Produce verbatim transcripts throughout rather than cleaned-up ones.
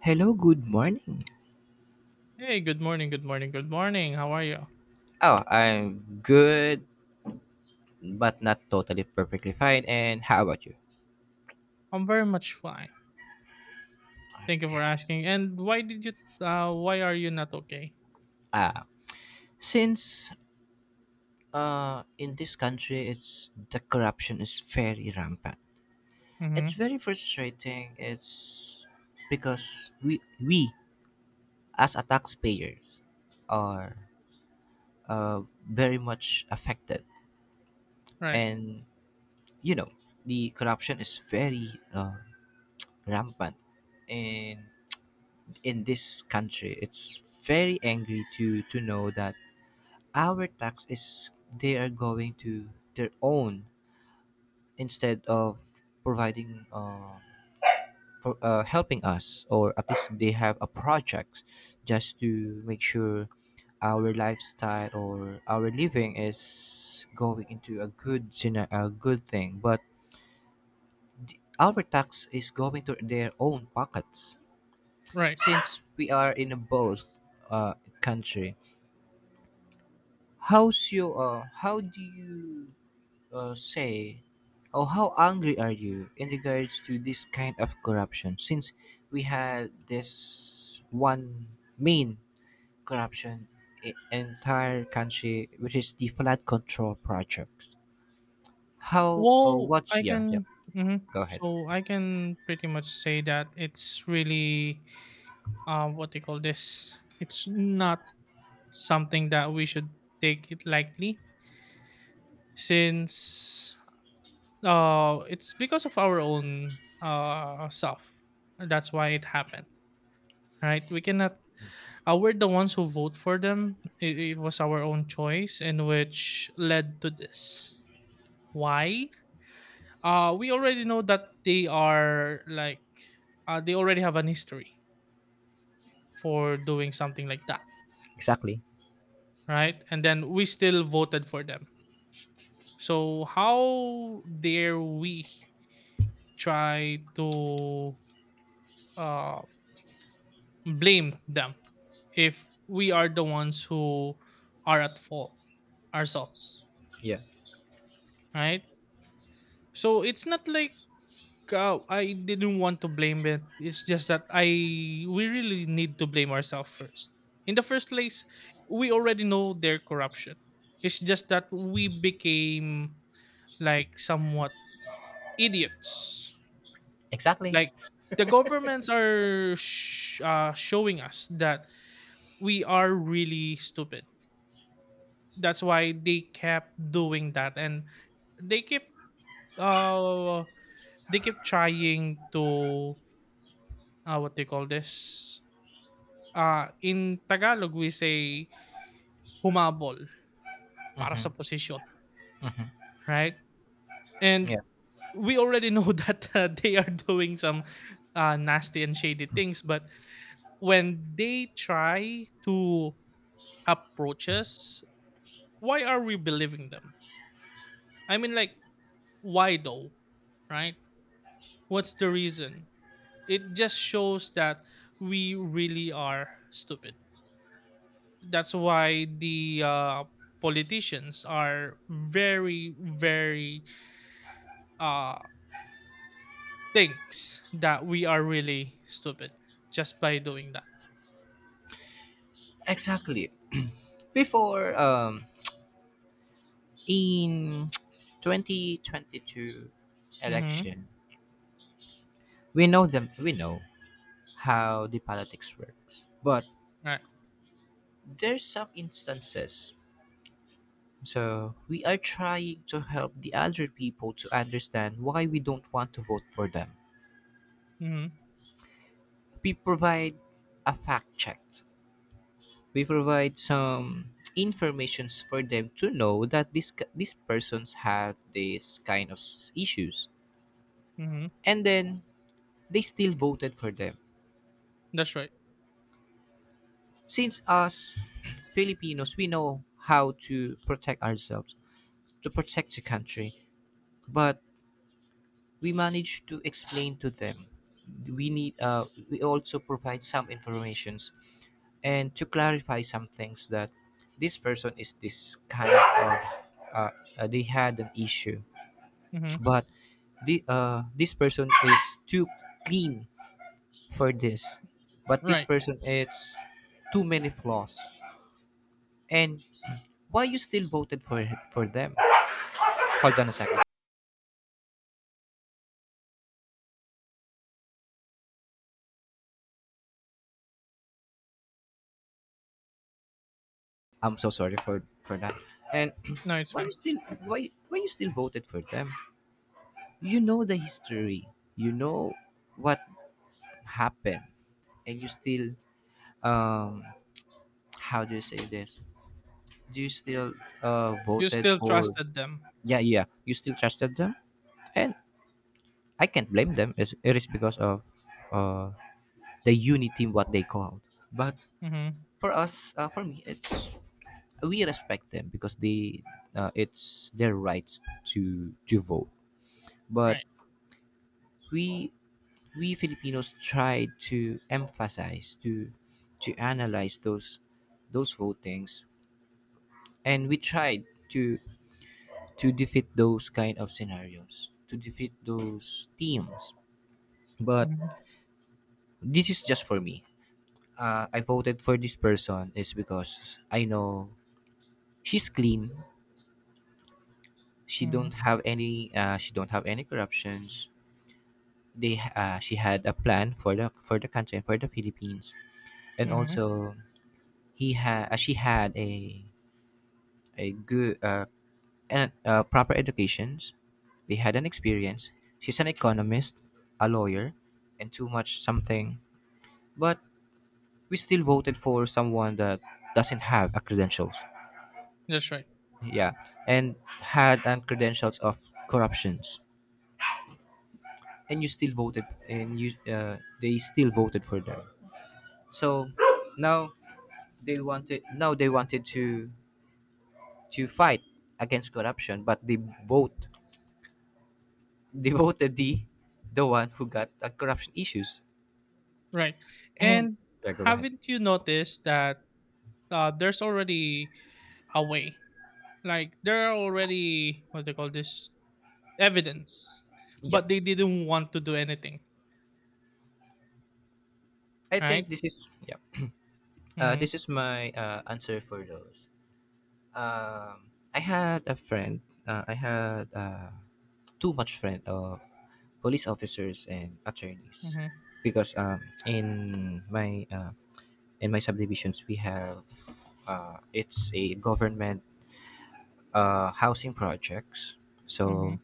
Hello, good morning. Hey, good morning, good morning, good morning. How are you? Oh, I'm good, but not totally perfectly fine. And how about you? I'm very much fine. Thank you for asking. And why did you uh why are you not okay? Uh, since uh, in this country, it's the corruption is very rampant. It's Hmm. very frustrating. It's because we we as a taxpayers are uh, very much affected, Right. and you know the corruption is very uh, rampant in in this country. It's very angry to to know that our tax is they are going to their own instead of providing uh, for, uh, helping us or at least they have a project just to make sure our lifestyle or our living is going into a good scena- a good thing, but our tax is going to their own pockets Right. since we are in a both uh, country. How's you? Uh, how do you uh, say, or how angry are you in regards to this kind of corruption? Since we had this one main corruption in entire country, which is the flood control projects. How? Uh, Well, what's I yeah? Yeah. can hmm Go ahead. so I can pretty much say that it's really uh what they call this. It's not something that we should take it lightly since uh it's because of our own uh self. That's why it happened. Right? We cannot uh, we're the ones who vote for them. It, it was our own choice, and which led to this. Why? Uh, we already know that they are like, uh, they already have an history for doing something like that, Exactly. right? And then we still voted for them. So how dare we try to uh, blame them if we are the ones who are at fault ourselves, Yeah. right? So it's not like Go. I didn't want to blame it. It's just that I we really need to blame ourselves first. In the first place, we already know their corruption. It's just that we became like somewhat idiots. Exactly. Like the governments are sh- uh, showing us that we are really stupid. That's why they kept doing that, and they keep uh they keep trying to uh what they call this, uh, in Tagalog we say humabol para Mm-hmm. sa posisyon, Mm-hmm. right? Yeah. And we already know that uh, they are doing some uh, nasty and shady things, but when they try to approach us, why are we believing them? I mean, like, why though, right? What's the reason? It just shows that we really are stupid. That's why the uh, politicians are very very uh thinks that we are really stupid just by doing that. Exactly. Before um in twenty twenty-two Mm-hmm. election, we know them, we know how the politics works, but Right. there's some instances, so we are trying to help the other people to understand why we don't want to vote for them. Mm-hmm. We provide a fact check, we provide some informations for them to know that this these persons have this kind of s- issues, Mm-hmm. and then they still voted for them That's right. since us filipinos we know how to protect ourselves, to protect the country. But we managed to explain to them. We need. Uh, we also provide some informations and to clarify some things, that this person is this kind of. Uh, uh, they had an issue, Mm-hmm. but the uh, this person is too clean for this, but this Right. person it's too many flaws. And why you still voted for for them? Hold on a second. I'm so sorry for for that. And No, it's why you fine. still why why you still voted for them? You know the history. You know what happened, and you still um how do you say this? Do you still uh You voted still for? trusted them. Yeah, yeah. You still trusted them, and I can't blame them. It's, it is because of uh the unity what they called. But Mm-hmm. for us, uh, for me, it's we respect them because they uh, it's their rights to to vote, but Right. we we Filipinos tried to emphasize to to analyze those those votings, and we tried to to defeat those kind of scenarios, to defeat those teams, but Mm-hmm. this is just for me. Uh, I voted for this person is because I know she's clean, she Mm-hmm. don't have any uh, she don't have any corruptions. They uh, she had a plan for the for the country and for the philippines, and Mm-hmm. also He had uh, she had a a good uh, and uh, proper educations. They had an experience. She's an economist, a lawyer, and too much something. But we still voted for someone that doesn't have a credentials. That's right. Yeah, and had an credentials of corruptions. And you still voted, and you uh, they still voted for them. So now they wanted now they wanted to to fight against corruption, but they vote Devoted the, the one who got the corruption issues. Right. And And yeah, go ahead. haven't you noticed that uh, there's already a way? Like there are already what they call this evidence, Yeah, but they didn't want to do anything. I Right. think this is yeah. Uh, Mm-hmm. this is my uh, answer for those. Um, I had a friend. Uh, I had uh, too much friend of police officers and attorneys Mm-hmm. because um, in my uh, in my subdivisions we have uh, it's a government uh, housing projects, Mm-hmm. so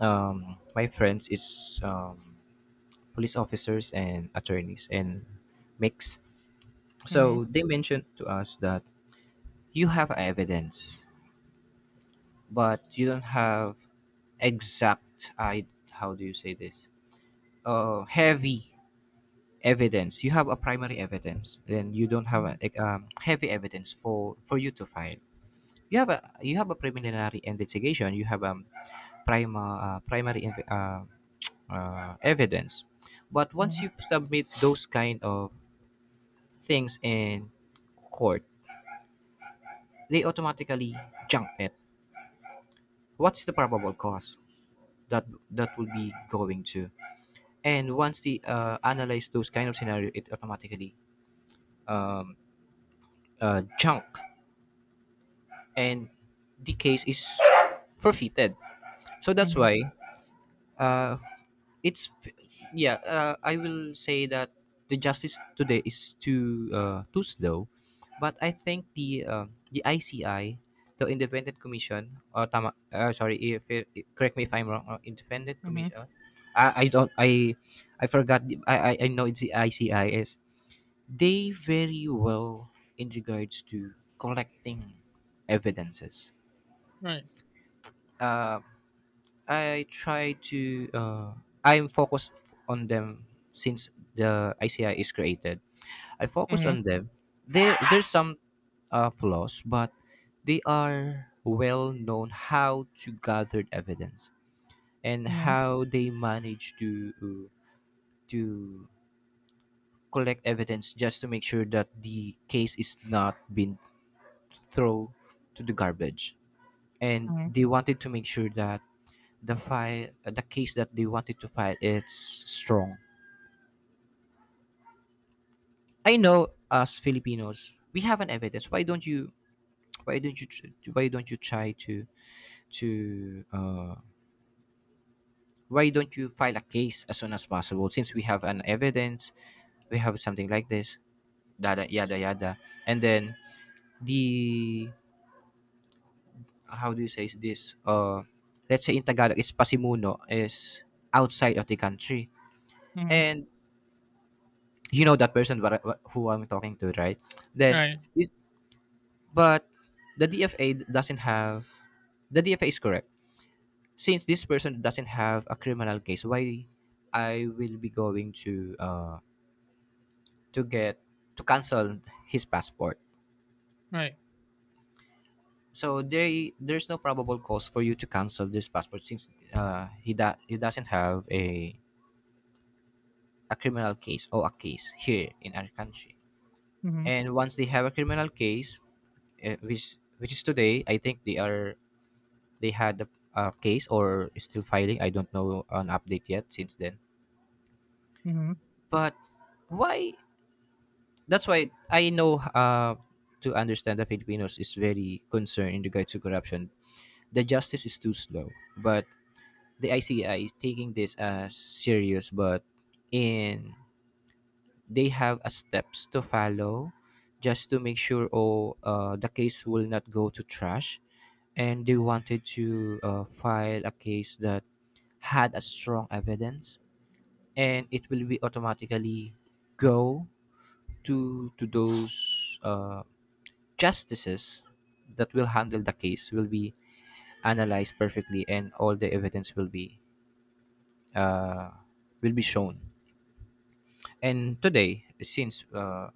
um, my friends is um, police officers and attorneys and mix. Mm-hmm. So they mentioned to us that you have evidence, but you don't have exact. I how do you say this? Uh, heavy evidence. You have a primary evidence, then you don't have a, Mm-hmm. like, um, heavy evidence for for you to file. You have a you have a preliminary investigation. You have um prima uh, primary inve- uh, uh, evidence. But once Mhm, you submit those kind of things in court, they automatically junk it. What's the probable cause that that will be going to? And once they uh, analyze those kind of scenario, it automatically um, uh, junk, and the case is forfeited. So that's mhm, why uh, it's f- yeah, uh, I will say that the justice today is too uh, too slow, but I think the uh, the ici, the independent commission uh, tama, uh sorry if it, correct me if I'm wrong, uh, independent mhm, commission, I, I don't I I forgot the, I, I i know it's the icis, they very well in regards to collecting evidences. right. Uh, I try to uh, I'm focused on them since the I C I is created. I focus Mhm, on them. There there's some uh, flaws, but they are well known how to gather evidence and mhm, how they manage to uh, to collect evidence just to make sure that the case is not been thrown to the garbage. And mhm, they wanted to make sure that the file the case that they wanted to file it's strong. I know as filipinos we have an evidence. Why don't you why don't you tr- why don't you try to to uh why don't you file a case as soon as possible, since we have an evidence, we have something like this, yada yada yada, and then the how do you say is this uh let's say in tagalog it's pasimuno is outside of the country, mhm, and you know that person what I- who I'm talking to right then right, this. But the D F A doesn't have, the D F A is correct. Since this person doesn't have a criminal case, why I will be going to uh to get to cancel his passport. right. So there there's no probable cause for you to cancel this passport since uh he da- he doesn't have a a criminal case or a case here in our country. Mhm, And once they have a criminal case, uh, which which is today, I think they are, they had a, a case or is still filing. I don't know an update yet since then. mhm, But why? That's why I know uh, to understand that Filipinos is very concerned in regards to corruption. The justice is too slow, but the I C I is taking this as serious. But in they have a steps to follow just to make sure oh uh, the case will not go to trash, and they wanted to uh, file a case that had a strong evidence, and it will be automatically go to to those uh, justices that will handle the case, will be analyzed perfectly, and all the evidence will be uh, will be shown. And today since uh,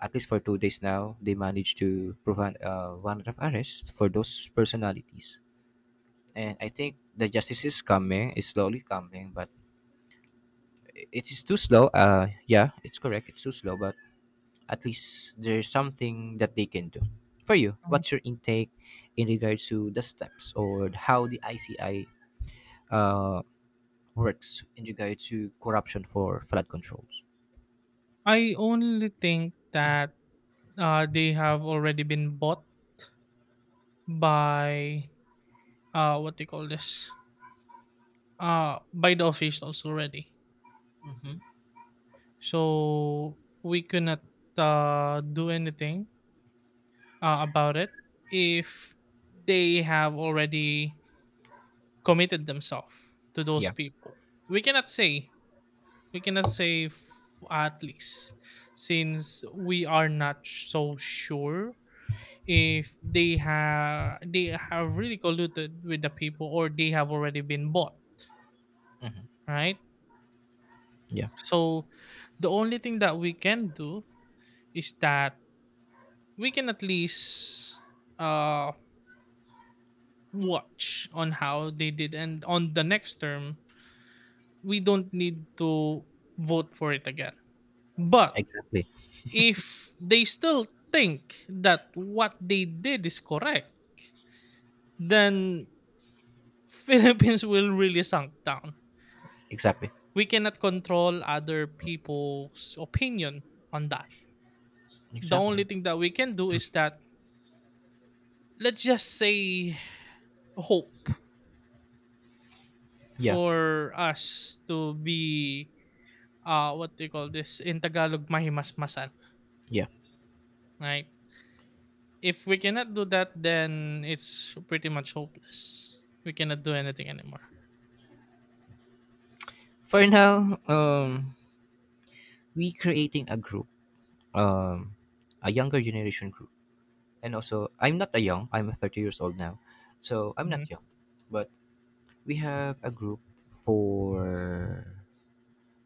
at least for two days now, they managed to prevent uh, warrant of arrest for those personalities, and I think the justice is coming, is slowly coming, but it is too slow uh yeah it's correct it's too slow, but at least there's something that they can do. For you, mhm. what's your intake in regards to the steps or how the I C I uh, works in regards to corruption for flood controls? I only think that uh, they have already been bought by uh, what they call this, uh, by the officials already. Mm-hmm. So we cannot uh, do anything uh, about it if they have already committed themselves to those Yeah, people. We cannot say we cannot say f- at least, since we are not so sure if they have they have really colluded with the people or they have already been bought, hmm right? yeah, So the only thing that we can do is that we can at least uh watch on how they did, and on the next term we don't need to vote for it again. But exactly, if they still think that what they did is correct, then Philippines will really sunk down. exactly, We cannot control other people's opinion on that. The exactly. only thing that we can do is that let's just say hope Yeah, for us to be, uh what do you call this in Tagalog, mahimasmasan, yeah. right? If we cannot do that, then it's pretty much hopeless. We cannot do anything anymore. For now, um, we creating a group, um, a younger generation group, and also I'm not a young. I'm thirty years old now, so I'm Mhm, not young, but we have a group for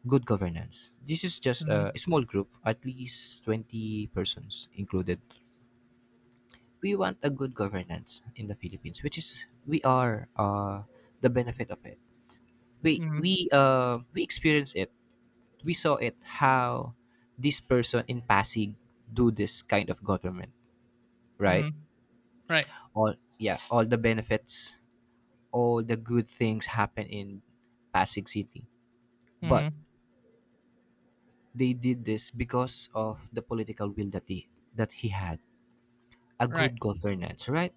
good governance. This is just a mhm. small group, at least twenty persons included. We want a good governance in the Philippines, which is we are uh, the benefit of it. We Mhm, we uh, we experience it. We saw it how this person in Pasig do this kind of government, right? mhm. Right, All yeah, all the benefits, all the good things happen in Pasig City. But mhm. They did this because of the political will that he that he had, a Right, good governance, right?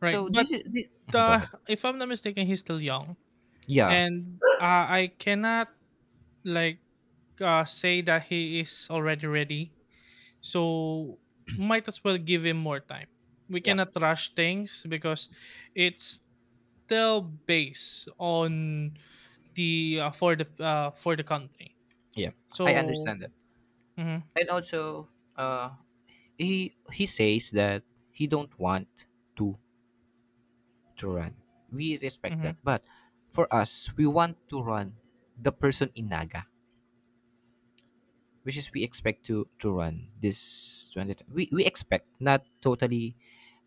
right. So But, this is the, go uh, ahead. if I'm not mistaken, he's still young, Yeah, and, uh, I cannot, like, uh, say that he is already ready, so might as well give him more time. We yeah, cannot rush things, because it's still based on the, uh, for the, uh, for the country. yeah. I So understand that, mhm, and also, uh, he he says that he don't want to to run. We respect mhm, that, but for us, we want to run the person in Naga, which is we expect to to run this twenty. We we expect not totally,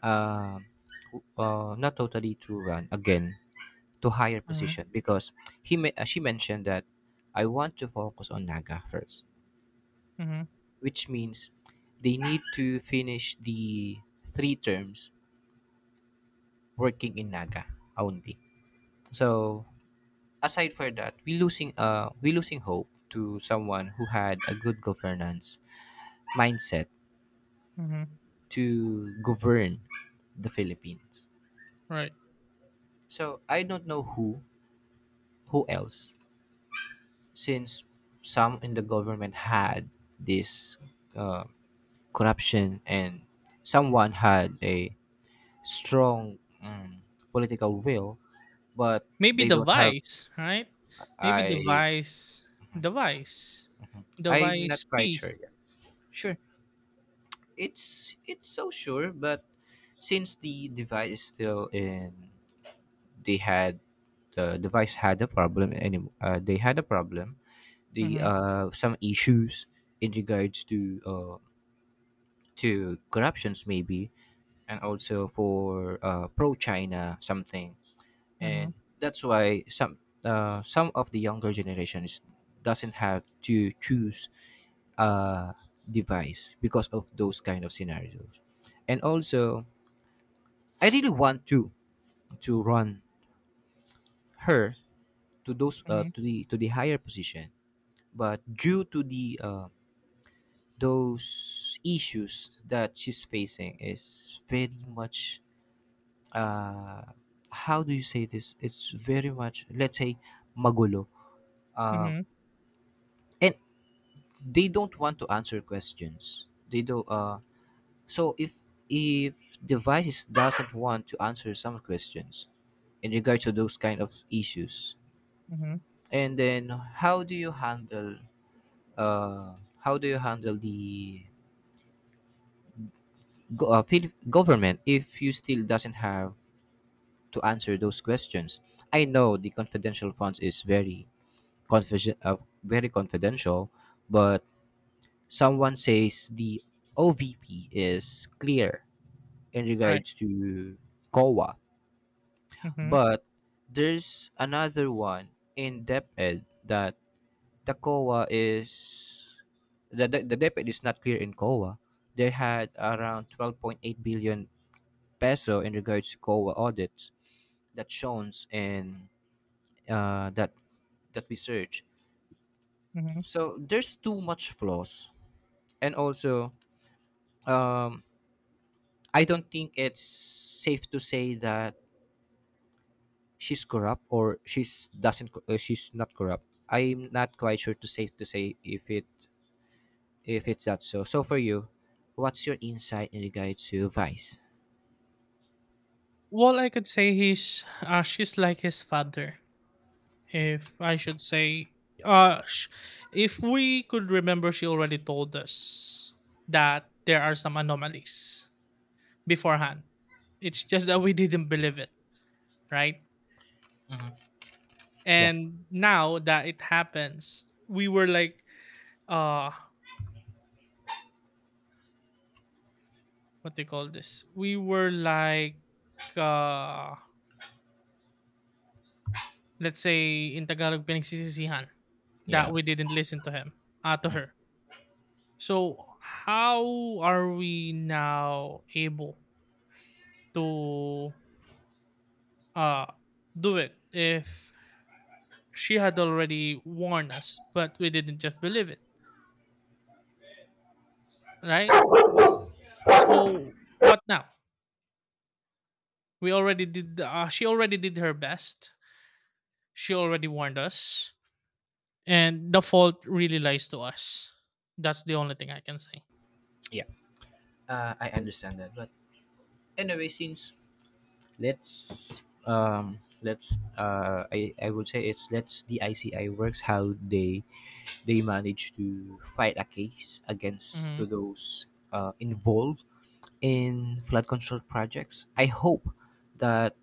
uh, uh, not totally to run again to higher mhm, position because he me- uh, she mentioned that I want to focus on Naga first, mhm, which means they need to finish the three terms working in Naga only. So aside for that, we losing uh we losing hope to someone who had a good governance mindset mhm. to govern the Philippines. Right. So I don't know who who else since some in the government had this uh, corruption, and someone had a strong um, political will, but Maybe they the don't have Vice, right? Maybe the i Vice, the Vice, the I'm not Vice quite P. sure yet, sure it's it's so sure. But since the device is still in, they had the device had a problem any uh, they had a problem, the Mhm, uh some issues in regards to uh to corruptions maybe, and also for uh pro China something. mhm, And that's why some uh, some of the younger generations doesn't have to choose a device because of those kind of scenarios. And also, I really want to to run her to those uh, mhm, to the to the higher position, but due to the uh, those issues that she's facing is very much, uh how do you say this, it's very much, let's say, magulo. um mhm, and they don't want to answer questions, they do uh so if if devices doesn't want to answer some questions in regard to those kind of issues, mhm. and then how do you handle uh how do you handle the go- uh, Philip government if you still doesn't have to answer those questions? I know the confidential funds is very confidential uh, very confidential, but someone says the ovp is clear in Right. regards to C O A. Mhm, But there's another one in DepEd that the C O A is the, the, the DepEd is not clear in C O A. They had around twelve point eight billion peso in regards to C O A audits that shows in uh, that that research. mhm. So there's too much flaws, and also, um, I don't think it's safe to say that she's corrupt or she's doesn't co- uh, she's not corrupt. I'm not quite sure to say to say if it if it's that so. So for you, what's your insight in regard to vice? Well, I could say he's, uh, she's like his father. If I should say, uh, sh- if we could remember, she already told us that there are some anomalies beforehand. It's just that we didn't believe it, right? Yeah, And now that it happens, we were like, uh what they call this, we were like uh let's say in Tagalog, pinagsisisihan, that yeah, we didn't listen to him, uh, to her. So how are we now able to uh do it if she had already warned us, but we didn't just believe it, right? So what now? We already did uh, She already did her best, she already warned us, and the fault really lies to us. That's the only thing I can say. yeah. uh, I understand that, but anyway, since, let's um let's uh I, I would say it's let's the I C I works how they they manage to fight a case against to Hmm. those uh, involved in flood control projects. I hope that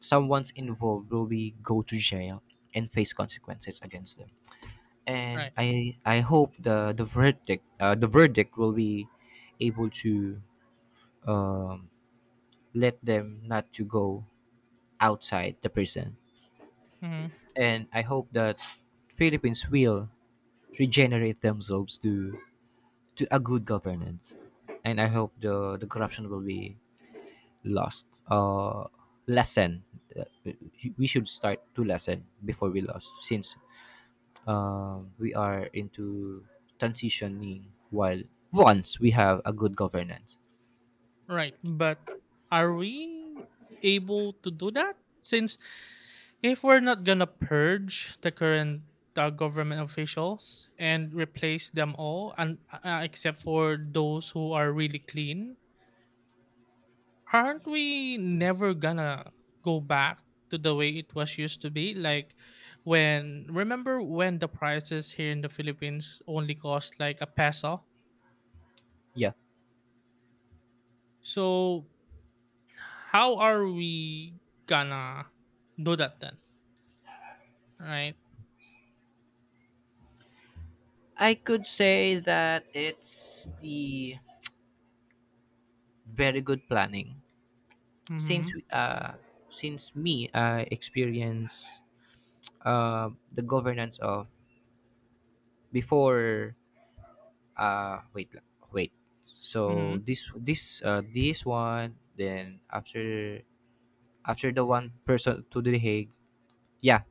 someone's involved will be go to jail and face consequences against them. And Right. I I hope the the verdict uh, the verdict will be able to, um, let them not to go outside the prison. Hmm. And I hope that Philippines will regenerate themselves to to a good governance, and I hope the the corruption will be lost, uh, lessen. Uh, We should start to lessen before we lost, since, um, we are into transitioning while once we have a good governance. Right. But are we able to do that? Since if we're not gonna purge the current uh, government officials and replace them all, and uh, except for those who are really clean, aren't we never gonna go back to the way it was used to be, like when, remember when the prices here in the Philippines only cost like a peso? Yeah, So how are we gonna do that then, right? I could say that it's the very good planning, since Mm-hmm. we, uh, since me I experience uh, the governance of before. uh wait la- Wait, so Mm-hmm. this this uh, this one, then after after the one person to the Hague. Yeah.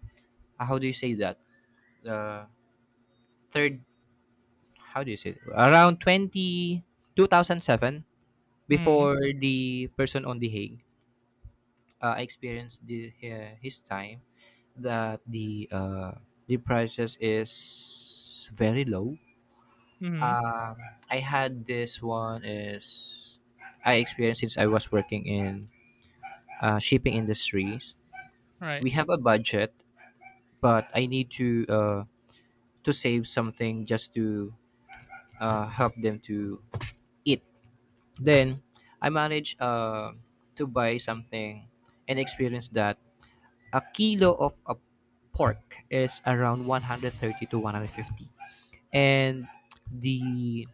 uh, How do you say that, the third, how do you say it? Around twenty two thousand seven, Mm-hmm. before the person on the Hague. uh, I experienced the uh, his time, that the uh, the prices is very low. Mm-hmm. Um, I had this one is I experienced since I was working in uh, shipping industries. Right. We have a budget, but I need to uh, to save something just to uh, help them to eat. Then I managed uh, to buy something and experience that a kilo of a pork is around one hundred thirty to one hundred fifty, and the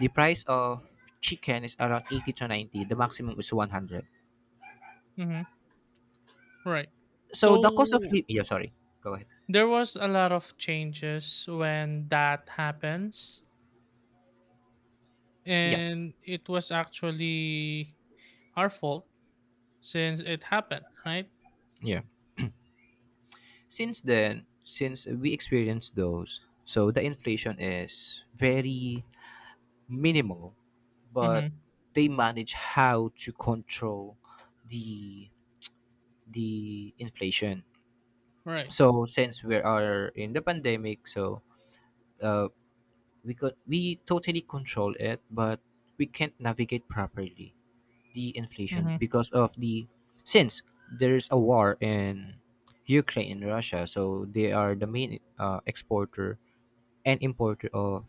the price of chicken is around eighty to ninety, the maximum is one hundred. Mm-hmm. Right. So the cost of So living, yeah, sorry, go ahead. there was a lot of changes when that happens, Yeah. and it was actually our fault. Since it happened, right? Yeah, since then, since we experienced those, so the inflation is very minimal, but Mhm. they manage how to control the the inflation. Right. So since we are in the pandemic, so, uh, we could we totally control it, but we can't navigate properly the inflation Mhm. because of the, since there's a war in Ukraine and Russia, so they are the main uh, exporter and importer of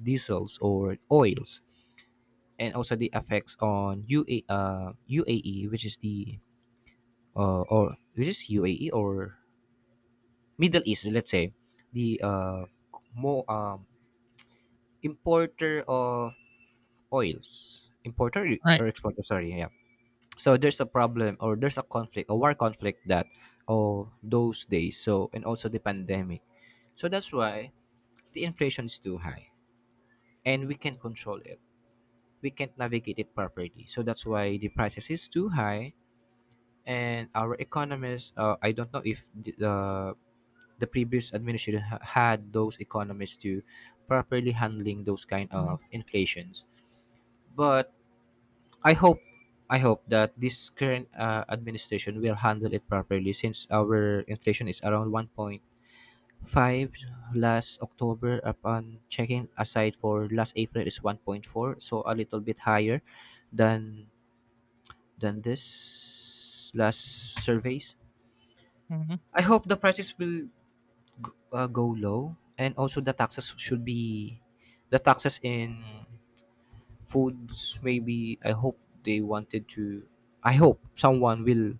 diesels or oils. And also the effects on U A, uh, U A E, which is the uh, or which is U A E or Middle East, let's say, the uh, more, um, importer of oils, importer Right. or exporter, sorry, yeah. So there's a problem, or there's a conflict, a war conflict, that oh those days, so, and also the pandemic. So that's why the inflation is too high and we can't control it, we can't navigate it properly, so that's why the prices is too high. And our economists, uh, I don't know if the uh, the previous administration ha- had those economists to properly handling those kind Mhm. of inflations. But I hope, I hope that this current uh, administration will handle it properly, since our inflation is around one point five last October upon checking, aside for last April is one point four, so a little bit higher than than this last surveys. Mhm. I hope the prices will g- uh, go low, and also the taxes should be, the taxes in foods maybe, I hope they wanted to, I hope someone will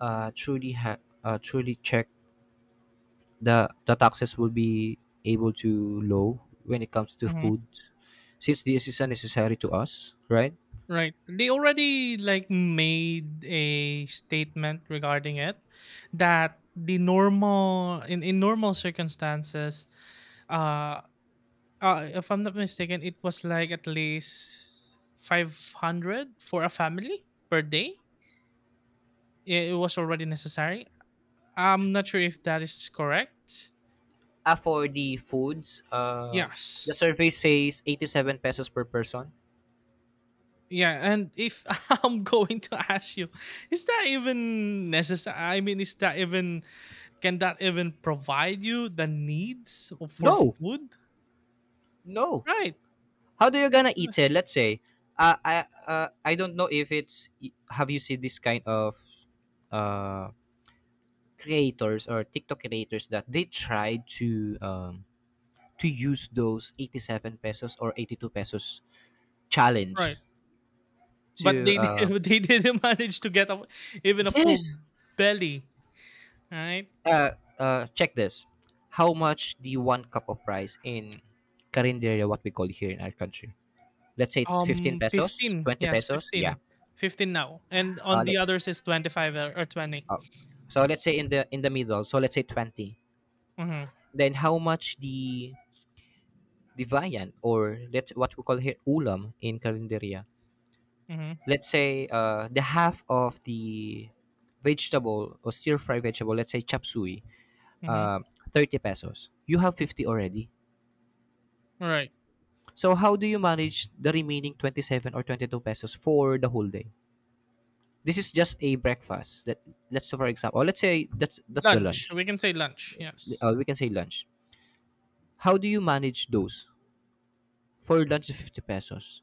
uh, truly ha- uh, truly check the the taxes will be able to low when it comes to Mhm. foods, since this is a necessary to us, right? Right. They already like made a statement regarding it that the normal, in, in normal circumstances, uh, uh if I'm not mistaken, it was like at least five hundred for a family per day. It, it was already necessary. I'm not sure if that is correct. Uh, for the foods. Uh, the Yes. survey says eighty-seven pesos per person. Yeah, and if I'm going to ask you, is that even necessary? I mean, is that even, can that even provide you the needs of- for No. food? No, Right, how do you gonna eat it? Let's say, uh, i uh, I don't know if it's, have you seen this kind of uh creators or TikTok creators that they try to um to use those eighty-seven pesos or eighty-two pesos challenge right. But to they uh they didn't manage to get a, even a full yes belly, right? uh uh check this, how much the one cup of rice in carinderia, what we call here in our country, let's say fifteen Um, pesos, Fifteen. twenty Yes, pesos, yeah. fifteen. Fifteen now, and uh, on the let, others is twenty-five or or twenty. uh, so let's say in the in the middle, so let's say twenty. Mm-hmm. Then how much the the viand, or let's what we call here ulam, in carinderia, Mm-hmm. let's say uh, the half of the vegetable or stir fry vegetable, let's say chop suey, Mm-hmm. uh, thirty pesos. You have fifty already. All right. So how do you manage the remaining twenty-seven or twenty-two pesos for the whole day? This is just a breakfast. Let, let's say, for example, or let's say that's that's the Lunch. lunch. We can say lunch. Yes. Uh, we can say lunch. How do you manage those? For lunch is fifty pesos.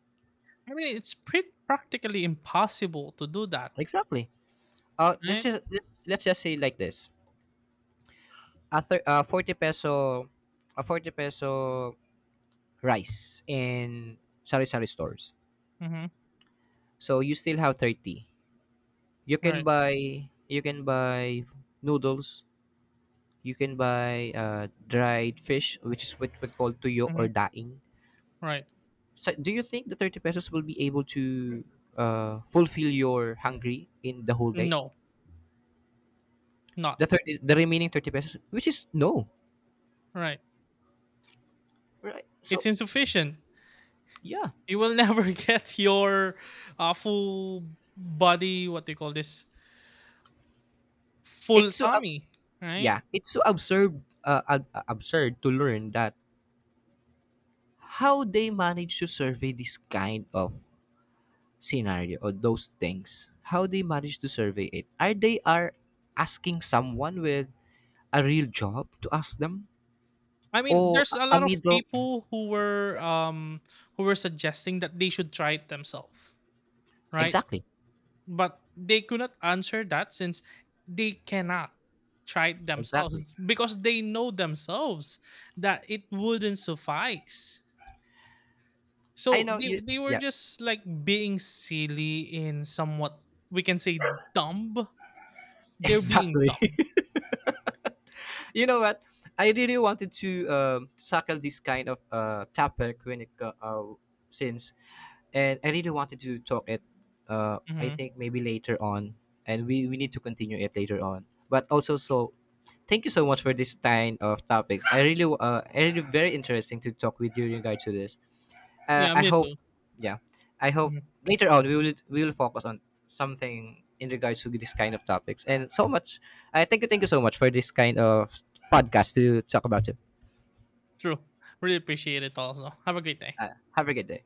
I mean, it's pretty practically impossible to do that, Exactly. Uh, let's right? just let's, let's just say like this. A thir- uh, forty peso, a forty peso rice in sari-sari stores. Mhm. So you still have thirty. You can Right. buy, you can buy noodles, you can buy uh, dried fish, which is what what called tuyo or Mhm. daing. Right. So do you think the thirty pesos will be able to uh, fulfill your hungry in the whole day? No, not. The thirty, the remaining thirty pesos, which is no. Right. Right. So It's insufficient. yeah, You will never get your uh, full body, what they call this, full it's so ab- tummy, right? yeah, it's so absurd, uh, ab- absurd to learn that how they manage to survey this kind of scenario or those things, how they manage to survey it. Are they are asking someone with a real job to ask them, I mean, or there's a a a lot of middle, people who were yeah, um who were suggesting that they should try it themselves, right? exactly. But they could not answer that since they cannot try it themselves, Exactly, because they know themselves that it wouldn't suffice. I So know they you, they were yeah, just like being silly in somewhat, we can say, dumb. They're being exactly. dumb. You know what? I really wanted to um, tackle this kind of uh, topic when it co- uh, since, and I really wanted to talk it. Uh, I Mhm. think maybe later on, and we we need to continue it later on. But also, so thank you so much for this kind of topics. I really uh, I really very interesting to talk with you in regard to this, uh, Yeah, I me hope, too. yeah, I hope Mhm. later on we will we will focus on something in regards to this kind of topics. And so much, I thank you, thank you so much for this kind of podcast to talk about it. True. Really appreciate it also. Have a great day. Uh, have a good day.